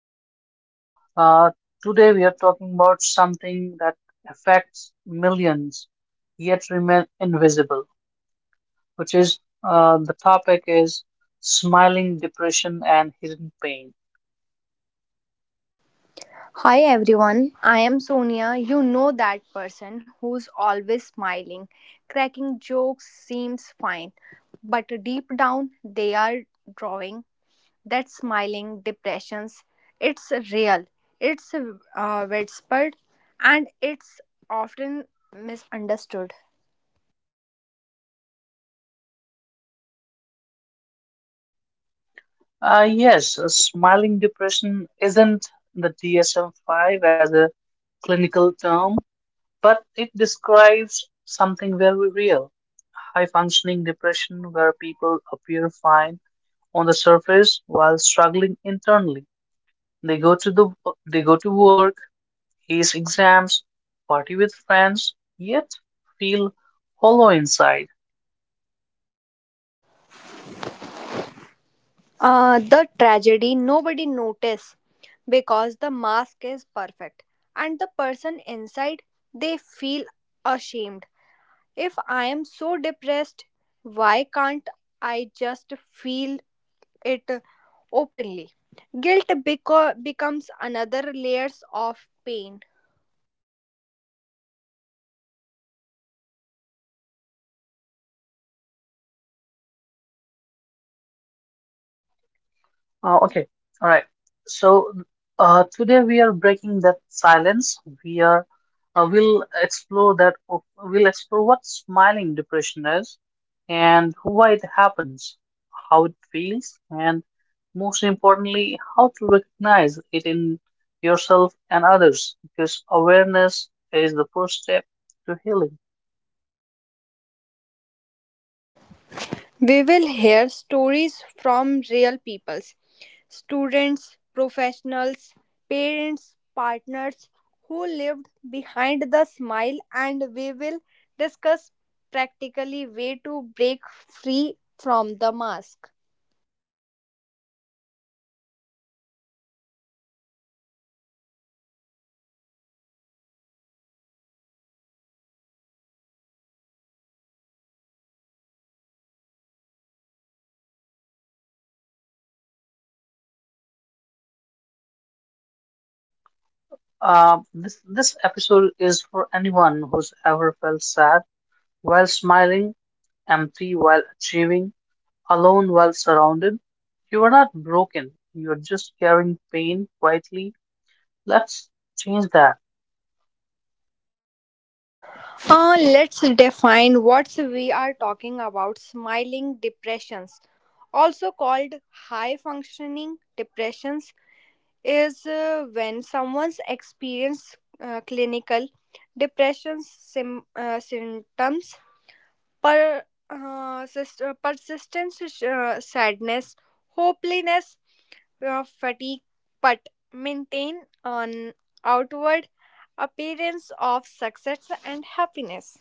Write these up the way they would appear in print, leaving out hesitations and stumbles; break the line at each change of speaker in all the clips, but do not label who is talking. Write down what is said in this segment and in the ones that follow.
Dave. Uh, Today we are talking about something that affects millions yet remain invisible, which is the topic is smiling depression and hidden pain.
Hi everyone, I am Sonia. You know that person who's always smiling. Cracking jokes seems fine, but deep down they are drawing that smiling depressions. It's real, it's widespread, and it's often misunderstood.
Yes, Smiling depression isn't the DSM-5 as a clinical term, but it describes something very real. High functioning depression where people appear fine on the surface while struggling internally. They go to the they go to work, ace exams, party with friends, yet feel hollow inside.
The tragedy nobody notice because the mask is perfect, and the person inside they feel ashamed. If I am so depressed, why can't I just feel it openly? Guilt becomes another layers of pain.
Okay, all right. So today we are breaking that silence. We'll explore We'll explore what smiling depression is, and why it happens, how it feels, and most importantly, how to recognize it in yourself and others. Because awareness is the first step to healing.
We will hear stories from real peoples, students, professionals, parents, partners who lived behind the smile and we will discuss practically way to break free from the mask.
This episode is for anyone who's ever felt sad while smiling, empty while achieving, alone while surrounded. You are not broken. You're just carrying pain quietly. Let's change that.
Let's define what we are talking about smiling depressions also called high functioning depressions is when someone's experienced clinical depression symptoms per persistent sadness, hopelessness, fatigue, but maintain an outward appearance of success and happiness.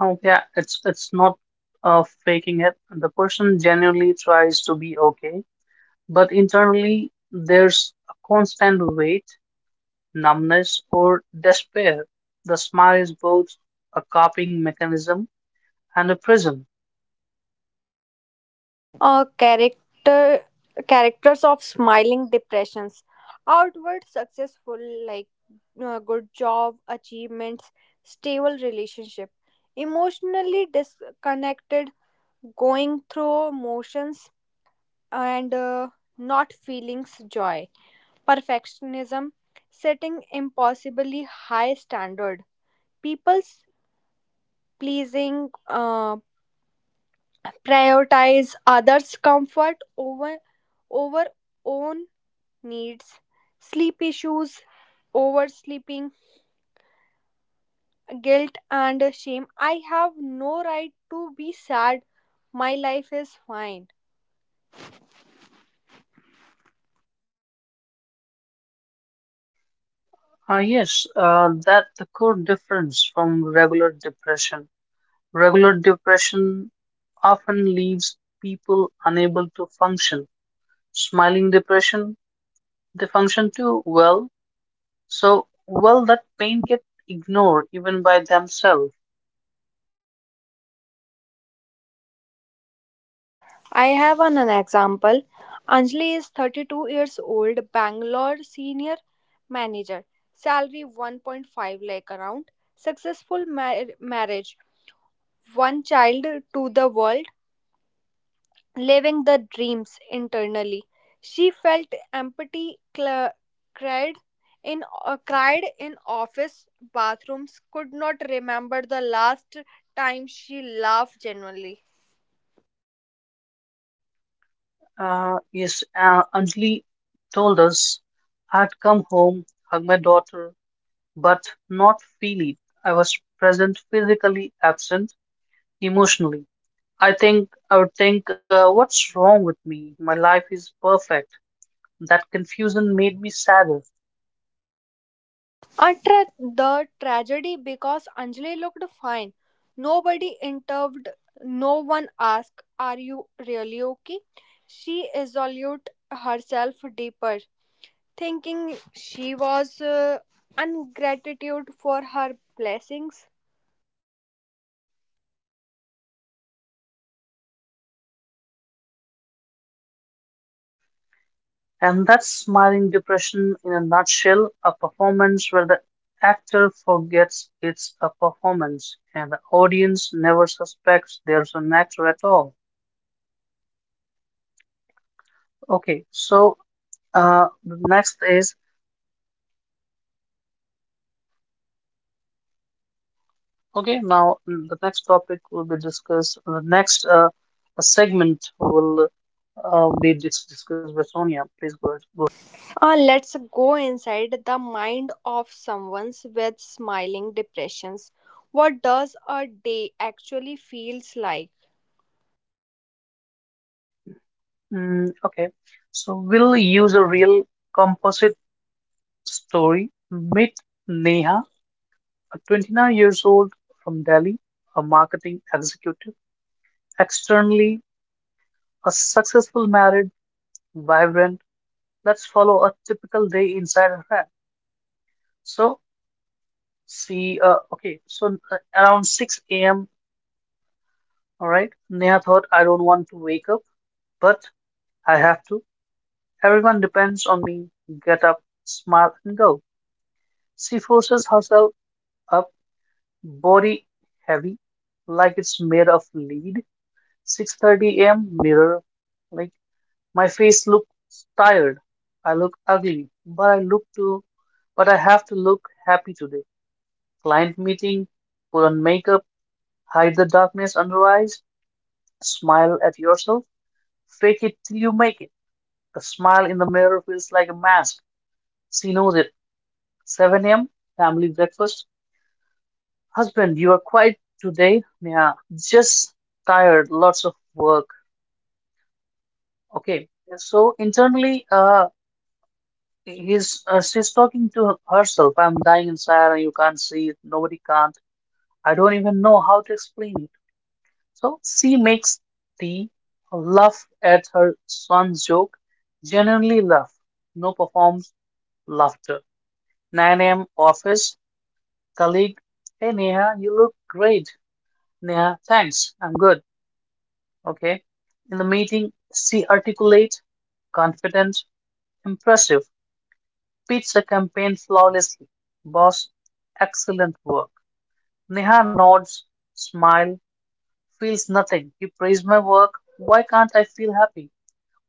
Oh, yeah, it's not faking it. The person genuinely tries to be okay, but internally there's a constant weight, numbness, or despair. The smile is both a coping mechanism and a prison.
Uh, character Characters of smiling depressions: outward successful, like good job, achievements, stable relationship, emotionally disconnected, going through motions and not feelings joy, perfectionism, setting impossibly high standard, people's pleasing, prioritize others' comfort over own needs, sleep issues, oversleeping, guilt, and shame. I have no right to be sad. My life is fine.
Yes, that's the core difference from regular depression. Regular depression often leaves people unable to function. Smiling depression, they function too well. So well that pain gets ignored even by themselves.
I have an example. Anjali is 32 years old, Bangalore senior manager, salary 1.5 lakh around, successful marriage, one child to the world, living the dreams internally. She felt empathy, cried in cried in office bathrooms, could not remember the last time she laughed genuinely.
Yes, Anjali told us, I'd come home, hug my daughter, but not feel it. I was present physically, absent emotionally. I would think, what's wrong with me? My life is perfect. That confusion made me sadder.
Utter the tragedy because Anjali looked fine. Nobody intervened. No one asked, "Are you really okay?" She resolved herself deeper, thinking she was ungratitude for her blessings.
And that's smiling depression in a nutshell, a performance where the actor forgets it's a performance and the audience never suspects there's an actor at all. Okay, so the next is okay. Now mm, The next topic will be discussed. The next segment will be discussed by Sonia. Please go ahead.
Let's go inside the mind of someone with smiling depressions. What does a day actually feels like?
Okay, so we'll use a real composite story. Meet Neha, a 29 years old from Delhi, a marketing executive. Externally, a successful married, vibrant. Let's follow a typical day inside her head. So, so around 6 a.m., all right, Neha thought, I don't want to wake up, but I have to. Everyone depends on me. Get up, smile, and go. She forces herself up. Body heavy, like it's made of lead. 6:30 a.m., mirror, like my face looks tired. I look ugly, but I have to look happy today. Client meeting, put on makeup, hide the darkness under eyes, smile at yourself, fake it till you make it. The smile in the mirror feels like a mask. She knows it. 7 a.m., family breakfast. Husband, you are quiet today. Yeah, just tired, lots of work. Okay. So internally, he's she's talking to herself. I'm dying inside, and you can't see it. Nobody can't. I don't even know how to explain it. So she makes tea, laugh at her son's joke, genuinely laugh. No performs laughter. 9 a.m., office colleague. Hey Neha, you look great. Neha, thanks. I'm good. Okay. In the meeting, she articulate, confident, impressive, pitched the campaign flawlessly. Boss, excellent work. Neha nods, smile, feels nothing. You praise my work. Why can't I feel happy?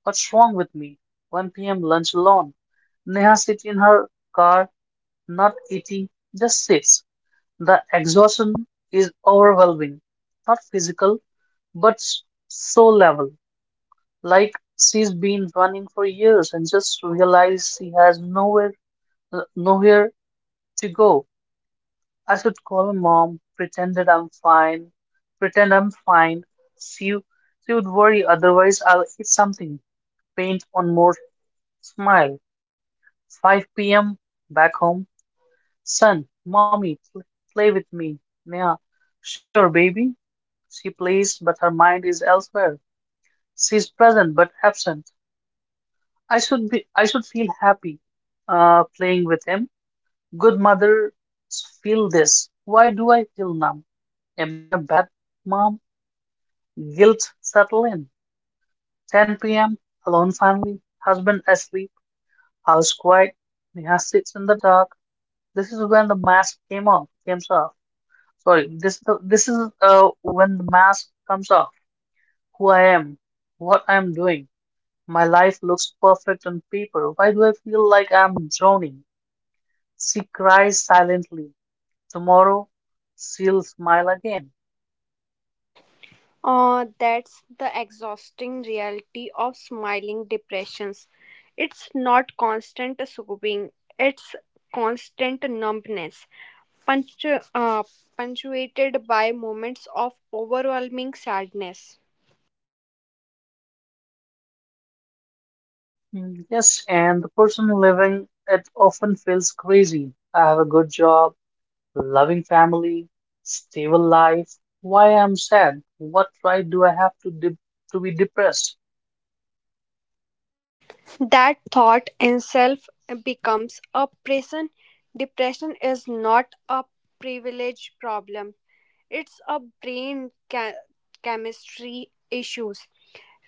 What's wrong with me? 1 p.m., lunch alone. Neha sits in her car, not eating, just sits. The exhaustion is overwhelming, not physical, but soul level. Like she's been running for years and just realized she has nowhere to go. I should call her mom, pretend I'm fine. She she would worry, otherwise I'll eat something. Paint on more smile. 5 p.m., back home. Son, mommy, pl play with me. Yeah, sure, baby. She plays, but her mind is elsewhere. She's present but absent. I should feel happy playing with him. Good mothers feel this. Why do I feel numb? Am I bad, mom? Guilt settle in. 10 p.m., alone family, husband asleep, house quiet. Neha sits in the dark. This is when the mask came off. Came off. Sorry, this is the, this is when the mask comes off. Who I am, what I am doing. My life looks perfect on paper. Why do I feel like I'm drowning? She cries silently. Tomorrow she'll smile again.
That's the exhausting reality of smiling depressions. It's not constant soothing, it's constant numbness, punctu- uh, punctuated by moments of overwhelming sadness.
Yes, and the person living it often feels crazy. I have a good job, loving family, stable life. Why I'm sad? What right do I have to be depressed?
That thought itself becomes a prison. Depression is not a privilege problem, it's a chemistry issues.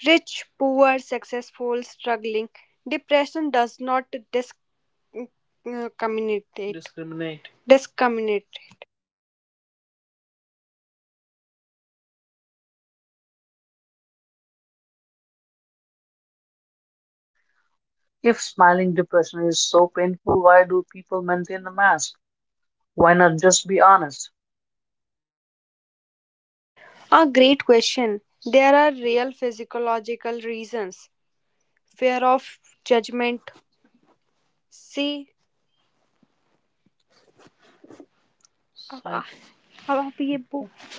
Rich, poor, successful, struggling. Depression does not discriminate. Discriminate.
If smiling depression is so painful, why do people maintain the mask? Why not just be honest?
A great question. There are real physiological reasons. Fear of judgment. See, अब आप ये book.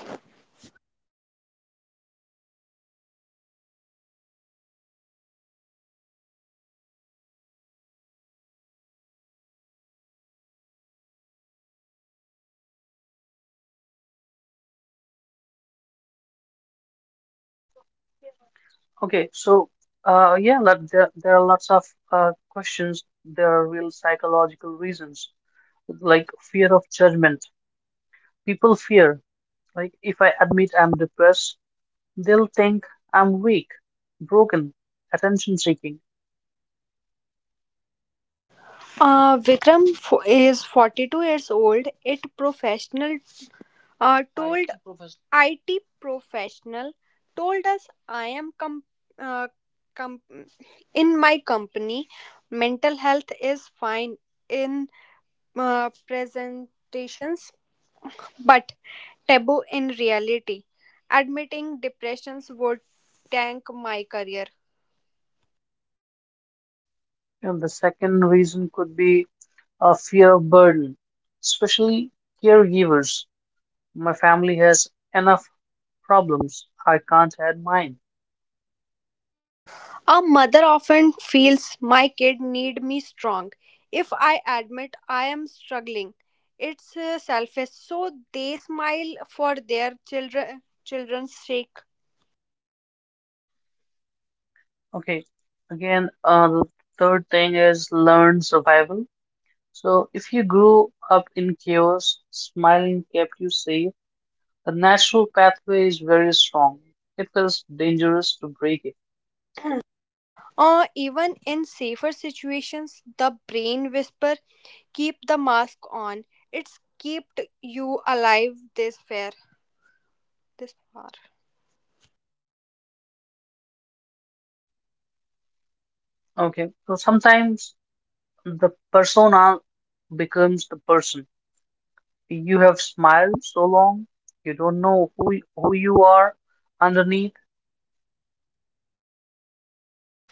Okay, so there are lots of questions. There are real psychological reasons, like fear of judgment. People fear, like, if I admit I'm depressed, they'll think I'm weak, broken, attention seeking.
Vikram is 42 years old. Uh, told IT professional told us I am uh, com- in my company. Mental health is fine in presentations, but taboo in reality. Admitting depressions would tank my career.
And the second reason could be a fear of burden, especially caregivers. My family has enough problems. I can't add mine.
A mother often feels my kid need me strong. If I admit I am struggling, it's selfish. So they smile for their children's sake.
Okay, the third thing is learn survival. So, if you grew up in chaos, smiling kept you safe. The natural pathway is very strong. It feels dangerous to break it.
Even in safer situations, the brain whisper, keep the mask on. It's kept you alive this far.
Okay. So sometimes the persona becomes the person. You have smiled so long, you don't know who you are underneath.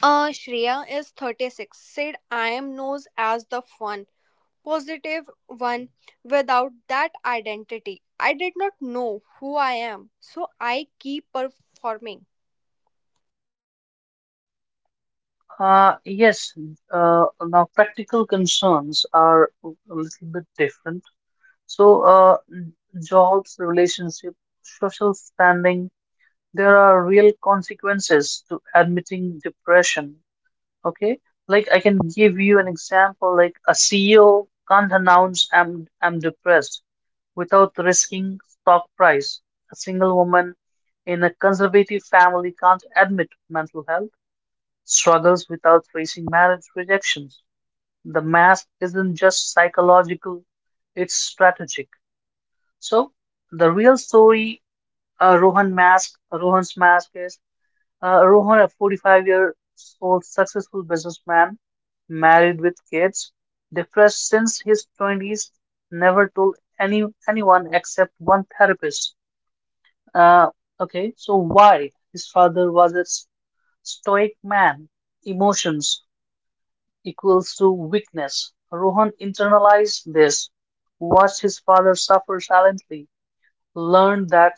Shreya is 36. Said I am known as the fun, positive one. Without that identity, I did not know who I am, so I keep performing.
Uh, yes. Now practical concerns are a little bit different. So, uh, Jobs, relationship, social standing, there are real consequences to admitting depression. Okay, like I can give you an example, like a CEO can't announce I'm depressed without risking stock price. A single woman in a conservative family can't admit mental health struggles without facing marriage rejections. The mask isn't just psychological, it's strategic. So the real story, Rohan's mask is Rohan, a 45-year-old successful businessman, married with kids, depressed since his 20s, never told anyone except one therapist. Uh, okay, so why? His father was a stoic man. Emotions equals to weakness. Rohan internalized this, watched his father suffer silently, learned that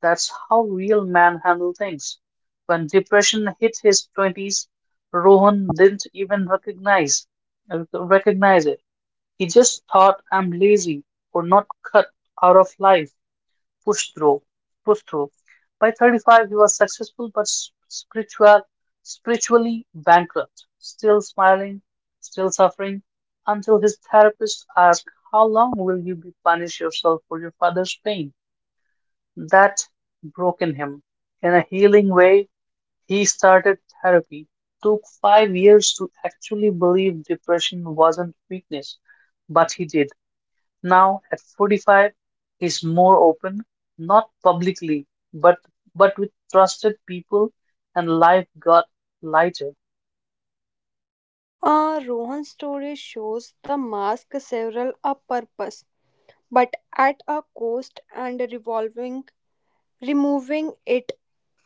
that's how real men handle things. When depression hit his 20s, Rohan didn't even recognize it. He just thought I'm lazy or not cut out of life. Push through, Push through. By 35, he was successful but spiritually bankrupt, still smiling, still suffering, until his therapist asked, how long will you be punish yourself for your father's pain? That broken him. In a healing way, he started therapy. Took 5 years to actually believe depression wasn't weakness, but he did. Now, at 45, he's more open, not publicly, but but with trusted people, and life got lighter.
Rohan's story shows the mask several a purpose, but at a cost, and revolving removing it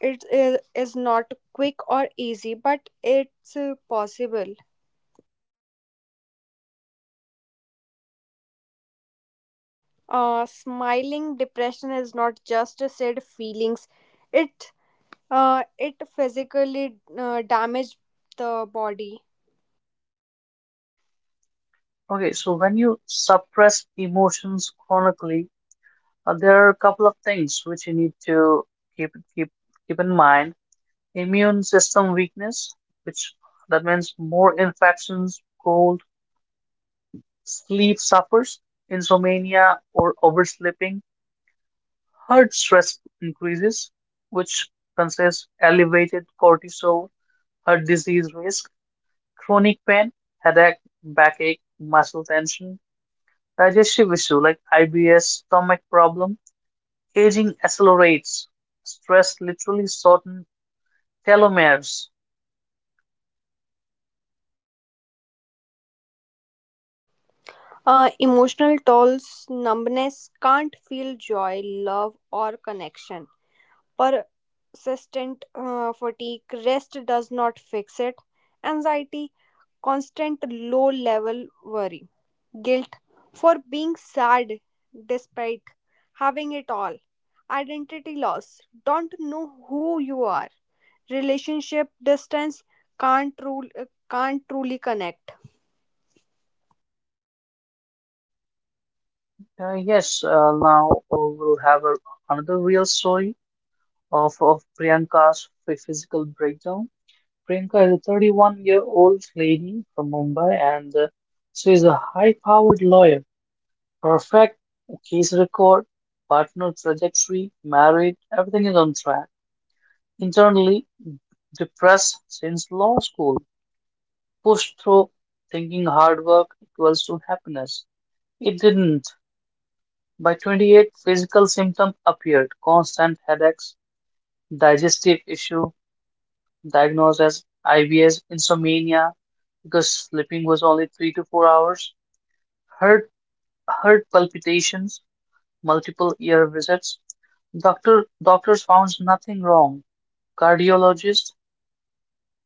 is not quick or easy, but it's possible. Smiling depression is not just a said feelings, it it physically damaged the body.
Okay, so when you suppress emotions chronically, there are a couple of things which you need to keep keep keep in mind: immune system weakness, which that means more infections, cold, sleep suffers, insomnia or oversleeping, heart stress increases, which consists elevated cortisol, heart disease risk, chronic pain, headache, backache, muscle tension, digestive issue like IBS, stomach problem, aging accelerates, stress literally shortens telomeres.
Emotional tolls, numbness, can't feel joy, love, or connection. Persistent fatigue, rest does not fix it. Anxiety, constant low level worry, guilt for being sad despite having it all. Identity loss, don't know who you are, relationship distance, can't rule can't truly connect.
Yes, now we'll have a, another real story of Priyanka's physical breakdown. Priyanka is a 31-year-old lady from Mumbai and she is a high-powered lawyer. Perfect case record, partner trajectory, married, everything is on track. Internally depressed since law school, pushed through thinking hard work equals to happiness. It didn't. By 28, physical symptoms appeared: constant headaches, digestive issue diagnosed as IBS, insomnia because sleeping was only 3 to 4 hours, heart heart palpitations, multiple ear visits. Doctors found nothing wrong. Cardiologist,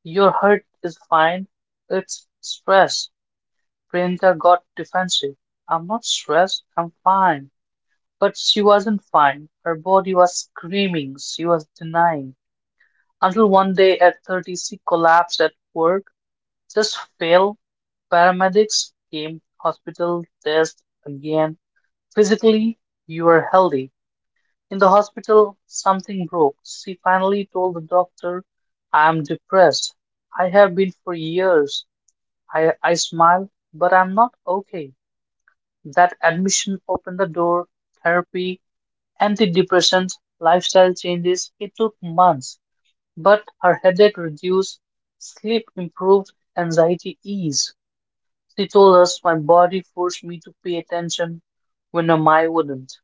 your heart is fine. It's stress. Priyanka got defensive. I'm not stressed. I'm fine. But she wasn't fine. Her body was screaming. She was denying. Until one day at 30, she collapsed at work, just fell. Paramedics came, hospital test again. Physically, you are healthy. In the hospital, something broke. She finally told the doctor, I am depressed. I have been for years. I smile, but I'm not okay. That admission opened the door. Therapy, antidepressants, lifestyle changes. It took months, but her headache reduced, sleep improved, anxiety eased. She told us my body forced me to pay attention when my mind wouldn't.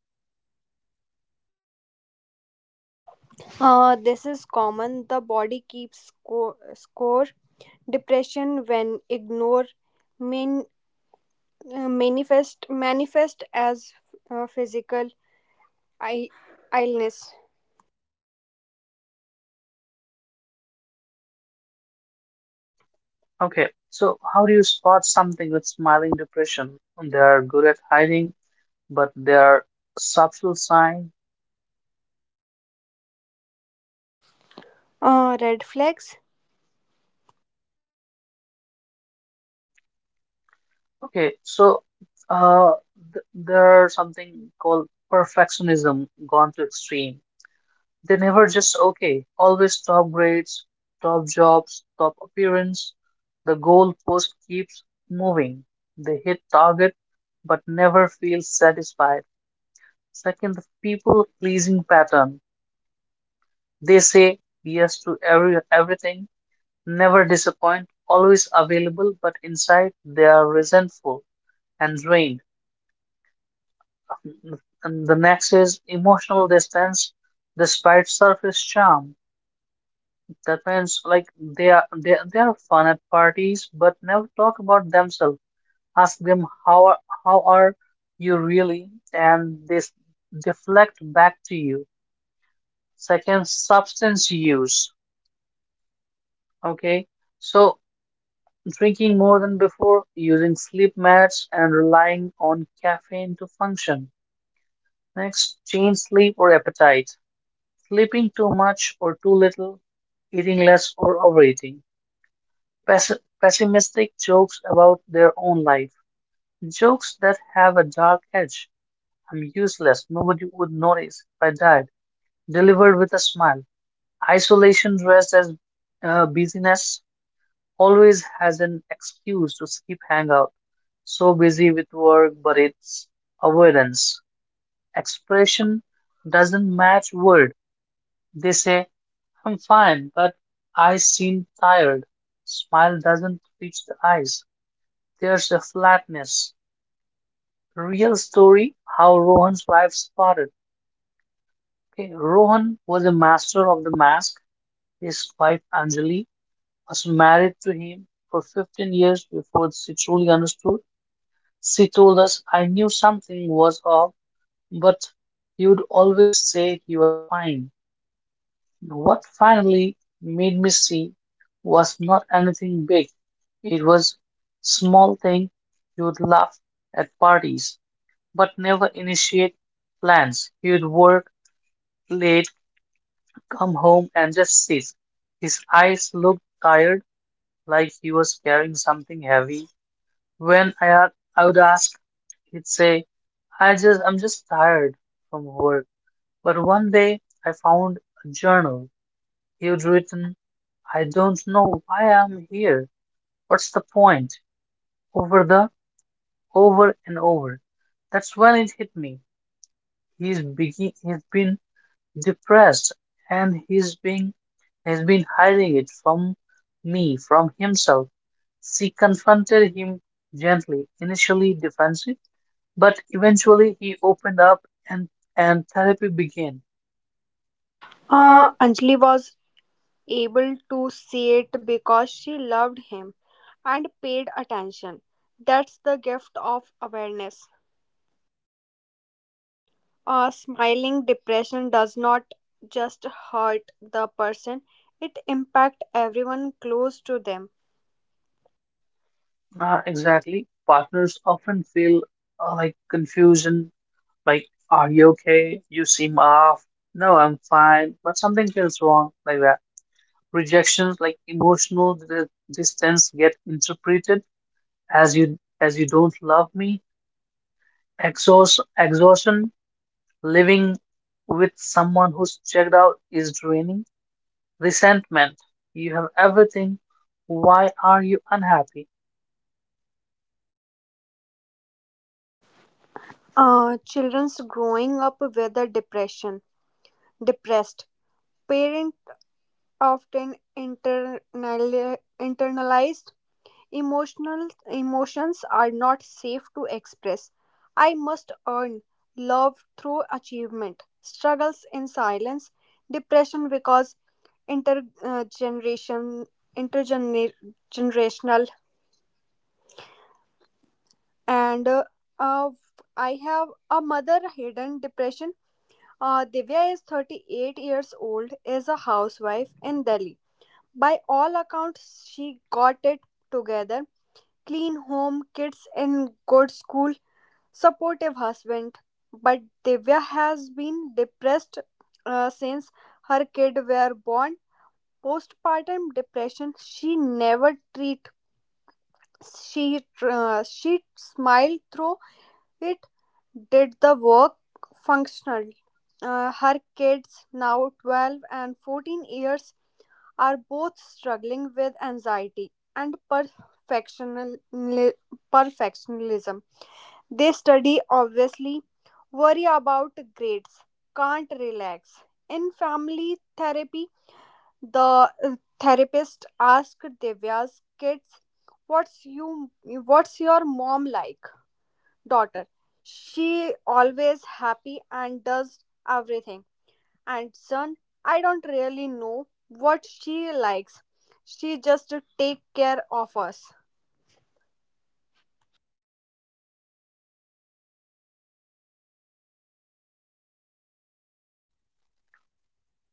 This is common. The body keeps score depression when ignore main, manifest as physical I- illness.
Okay, so how do you spot something with smiling depression? They are good at hiding, but they are subtle sign.
Red flags.
Okay, so uh, there are something called perfectionism gone to extreme. They never just okay, always top grades, top jobs, top appearance. The goalpost keeps moving. They hit target but never feel satisfied. Second, the people pleasing pattern. They say yes to everything, never disappoint, always available, but inside they are resentful and drained. And the next is emotional distance despite surface charm. Depends, like they are fun at parties, but never talk about themselves. Ask them, how are you really, and this deflect back to you. Second, substance use. Okay, so drinking more than before, using sleep meds, and relying on caffeine to function. Next, change sleep or appetite. Sleeping too much or too little, eating less or overeating. Pessi pessimistic jokes about their own life. Jokes that have a dark edge. I'm useless. Nobody would notice if I died. Delivered with a smile. Isolation dressed as busyness always has an excuse to skip hangout. So busy with work, but it's avoidance. Expression doesn't match word. They say, I'm fine, but I seem tired. Smile doesn't reach the eyes. There's the flatness. Real story how Rohan's wife spotted. Okay, Rohan was a master of the mask. His wife Anjali was married to him for 15 years before she truly understood. She told us, I knew something was off, but he would always say he was fine. What finally made me see was not anything big. It was small thing he would laugh at parties, but never initiate plans. He'd work late, come home, and just sit. His eyes looked tired, like he was carrying something heavy. When I, a- I would ask, he'd say, I'm just tired from work. But one day I found a journal. He'd written, I don't know why I'm here. What's the point? Over the, over and over. That's when it hit me. He's been depressed and he's been has been hiding it from me, from himself. She confronted him gently, initially defensive, but eventually he opened up and and therapy began. Uh,
Anjali was able to see it because she loved him and paid attention. That's the gift of awareness. Smiling depression does not just hurt the person, it impacts everyone close to them.
exactly. Partners often feel like confusion, like, are you okay? You seem off. No, I'm fine, but something feels wrong, like that. Rejections, like emotional distance, get interpreted as you don't love me. Exhaustion. Living with someone who's checked out is draining. Resentment. You have everything. Why are you unhappy?
Children's growing up with a depressed parents often internalize emotional emotions are not safe to express. I must earn love through achievement, struggles in silence, depression because intergeneration intergenerational, and uh, I have a mother hidden depression. Divya is 38 years old, is a housewife in Delhi. By all accounts she got it together: clean home, kids in good school, supportive husband, but Divya has been depressed since her kid were born. Postpartum depression she never treat. She smiled through it. Did the work functionally. Her kids now 12 and 14 years are both struggling with anxiety and perfectional perfectionism. They study, obviously, worry about grades, can't relax. In family therapy, the therapist asked Divya's kids, "What's you? What's your mom like, daughter?" "She always happy and does everything." And son, "I don't really know what she likes. She just take care of us."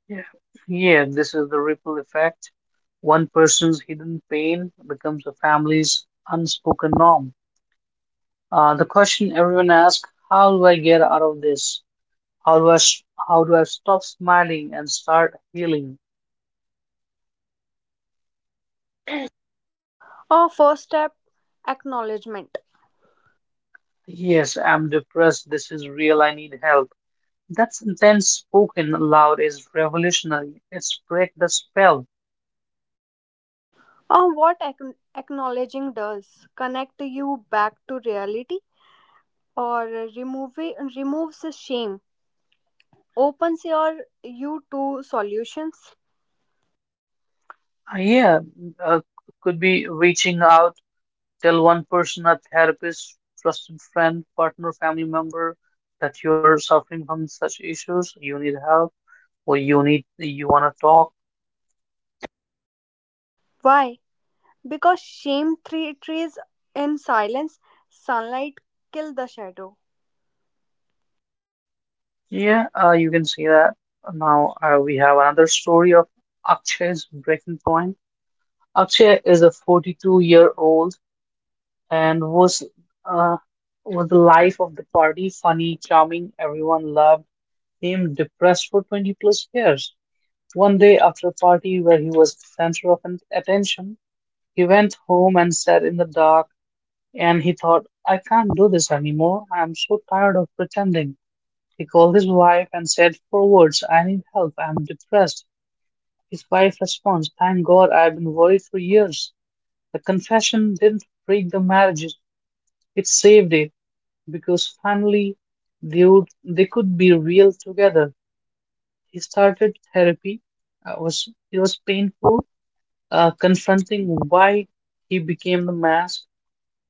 Yeah yeah this is the ripple effect. One person's hidden pain becomes a family's unspoken norm. The question everyone asks: how do I get out of this? how do i s- how do I stop smiling and start healing?
Our first step, acknowledgement.
Yes, I'm depressed. This is real. I need help. That sentence spoken aloud is revolutionary. It's break the spell.
What acknowledging does, connect you back to reality or remove removes the shame, opens your you to solutions.
Uh, yeah, uh, could be reaching out, tell one person, a therapist, trusted friend, partner, family member, that you're suffering from such issues. You need help, or you want to talk.
Why? Because shame trees in silence, sunlight kill the shadow.
Yeah, you can see that. Now we have another story of Akshay's breaking point. Akshay is a 42-year old. And uh, was the life of the party, funny, charming, everyone loved him, depressed for 20 plus years. One day after a party where he was the center of attention, he went home and sat in the dark and he thought, I can't do this anymore. I am so tired of pretending. He called his wife and said four words, I need help. I am depressed. His wife responds, thank God, I've been worried for years. The confession didn't break the marriage. It saved it, because finally they could be real together. He started therapy. Was painful, confronting why he became the mask,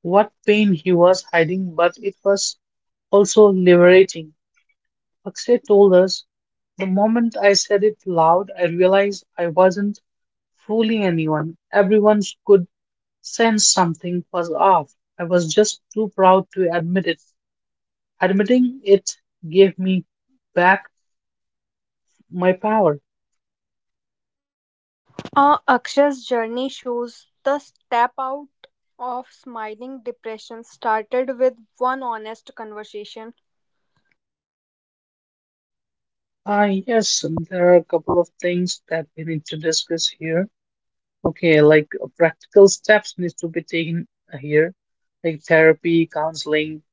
what pain he was hiding, but it was also liberating. Akshay told us, the moment I said it loud, I realized I wasn't fooling anyone. Everyone could sense something was off. I was just too proud to admit it. Admitting it gave me back my power.
Aksha's journey shows the step out of smiling depression started with one honest conversation.
Ah, yes, there are a couple of things that we need to discuss here. Okay, like practical steps needs to be taken here, like therapy, counseling,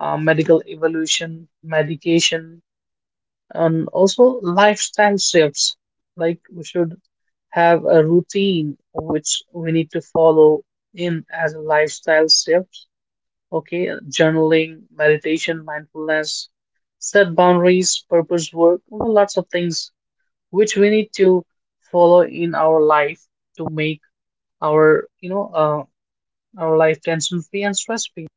medical evolution, medication, and also lifestyle shifts. Like we should have a routine which we need to follow in as a lifestyle shift. Okay, journaling, meditation, mindfulness, set boundaries, purpose work, well, lots of things which we need to follow in our life to make our, you know, our life tension free and stress free.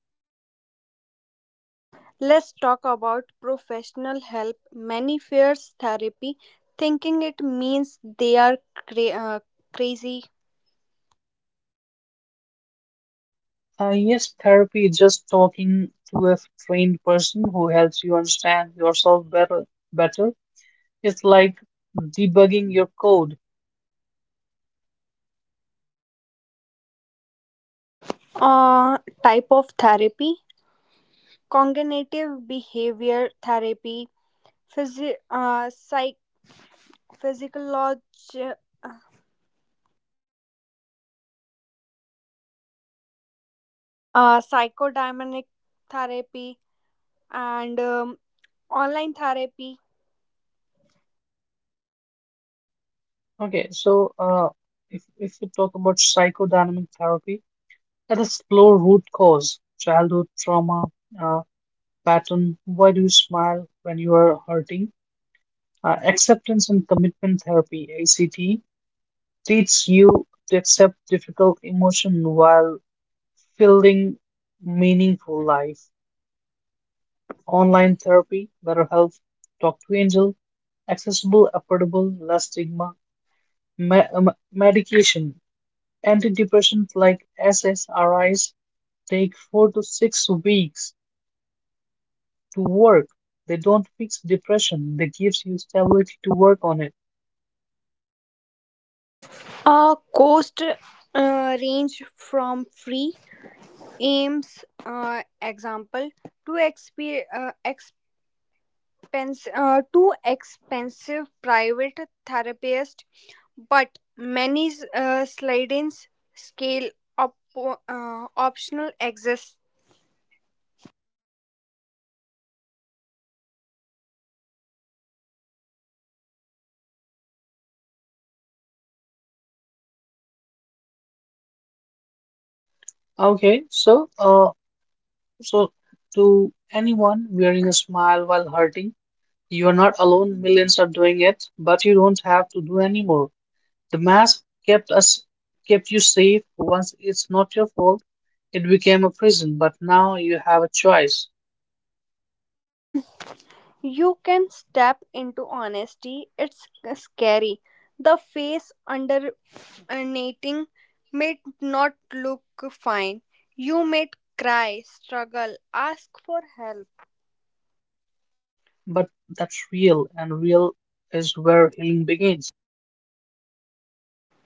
Let's talk about professional help. Many fears therapy, thinking it means they are crazy.
Yes, therapy is just talking to a trained person who helps you understand yourself better. Better, it's like debugging your code.
Type of therapy: cognitive behavior therapy, physi- uh, psych- physiology, uh, psychodynamic therapy, and online therapy.
Okay, so if we talk about psychodynamic therapy, let us explore root cause, childhood trauma, uh, pattern, why do you smile when you are hurting? Acceptance and commitment therapy, ACT, teaches you to accept difficult emotion while building meaningful life. Online therapy, better health, talk to angel, accessible, affordable, less stigma. Medication, antidepressants like SSRIs, take four to six weeks to work. They don't fix depression. They gives you stability to work on it.
Cost range from free aims example too exp- uh, too expensive private therapist, but many slidings scale op- optional exists.
Okay, so to anyone wearing a smile while hurting, you are not alone. Millions are doing it, but you don't have to do anymore. The mask kept us, Kept you safe. Once it's not your fault, it became a prison. But now you have a choice.
You can step into honesty. It's scary. The face under uh, may not look fine. You may cry, struggle, ask for help,
But that's real, and real is where healing begins.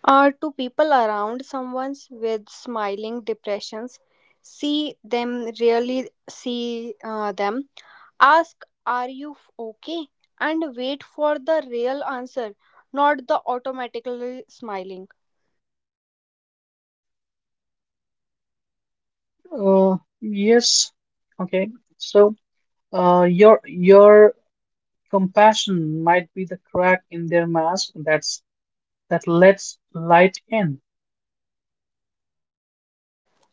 or to people around someone with smiling depressions, see them, really see them, ask are you okay, and wait for the real answer, not the automatically smiling.
Uh, yes. Okay. So. Your compassion might be the crack in their mask that lets light in.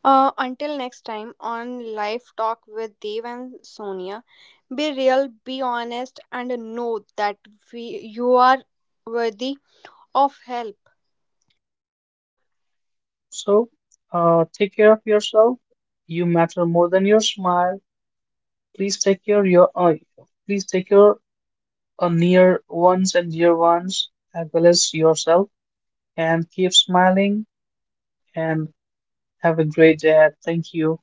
Until next time on Life Talk with Dev and Sonia, be real, be honest, and know that you are worthy of help.
So, take care of yourself. You matter more than your smile. Please take care your uh, Please take care of near ones and dear ones as well as yourself. And keep smiling and have a great day. Thank you.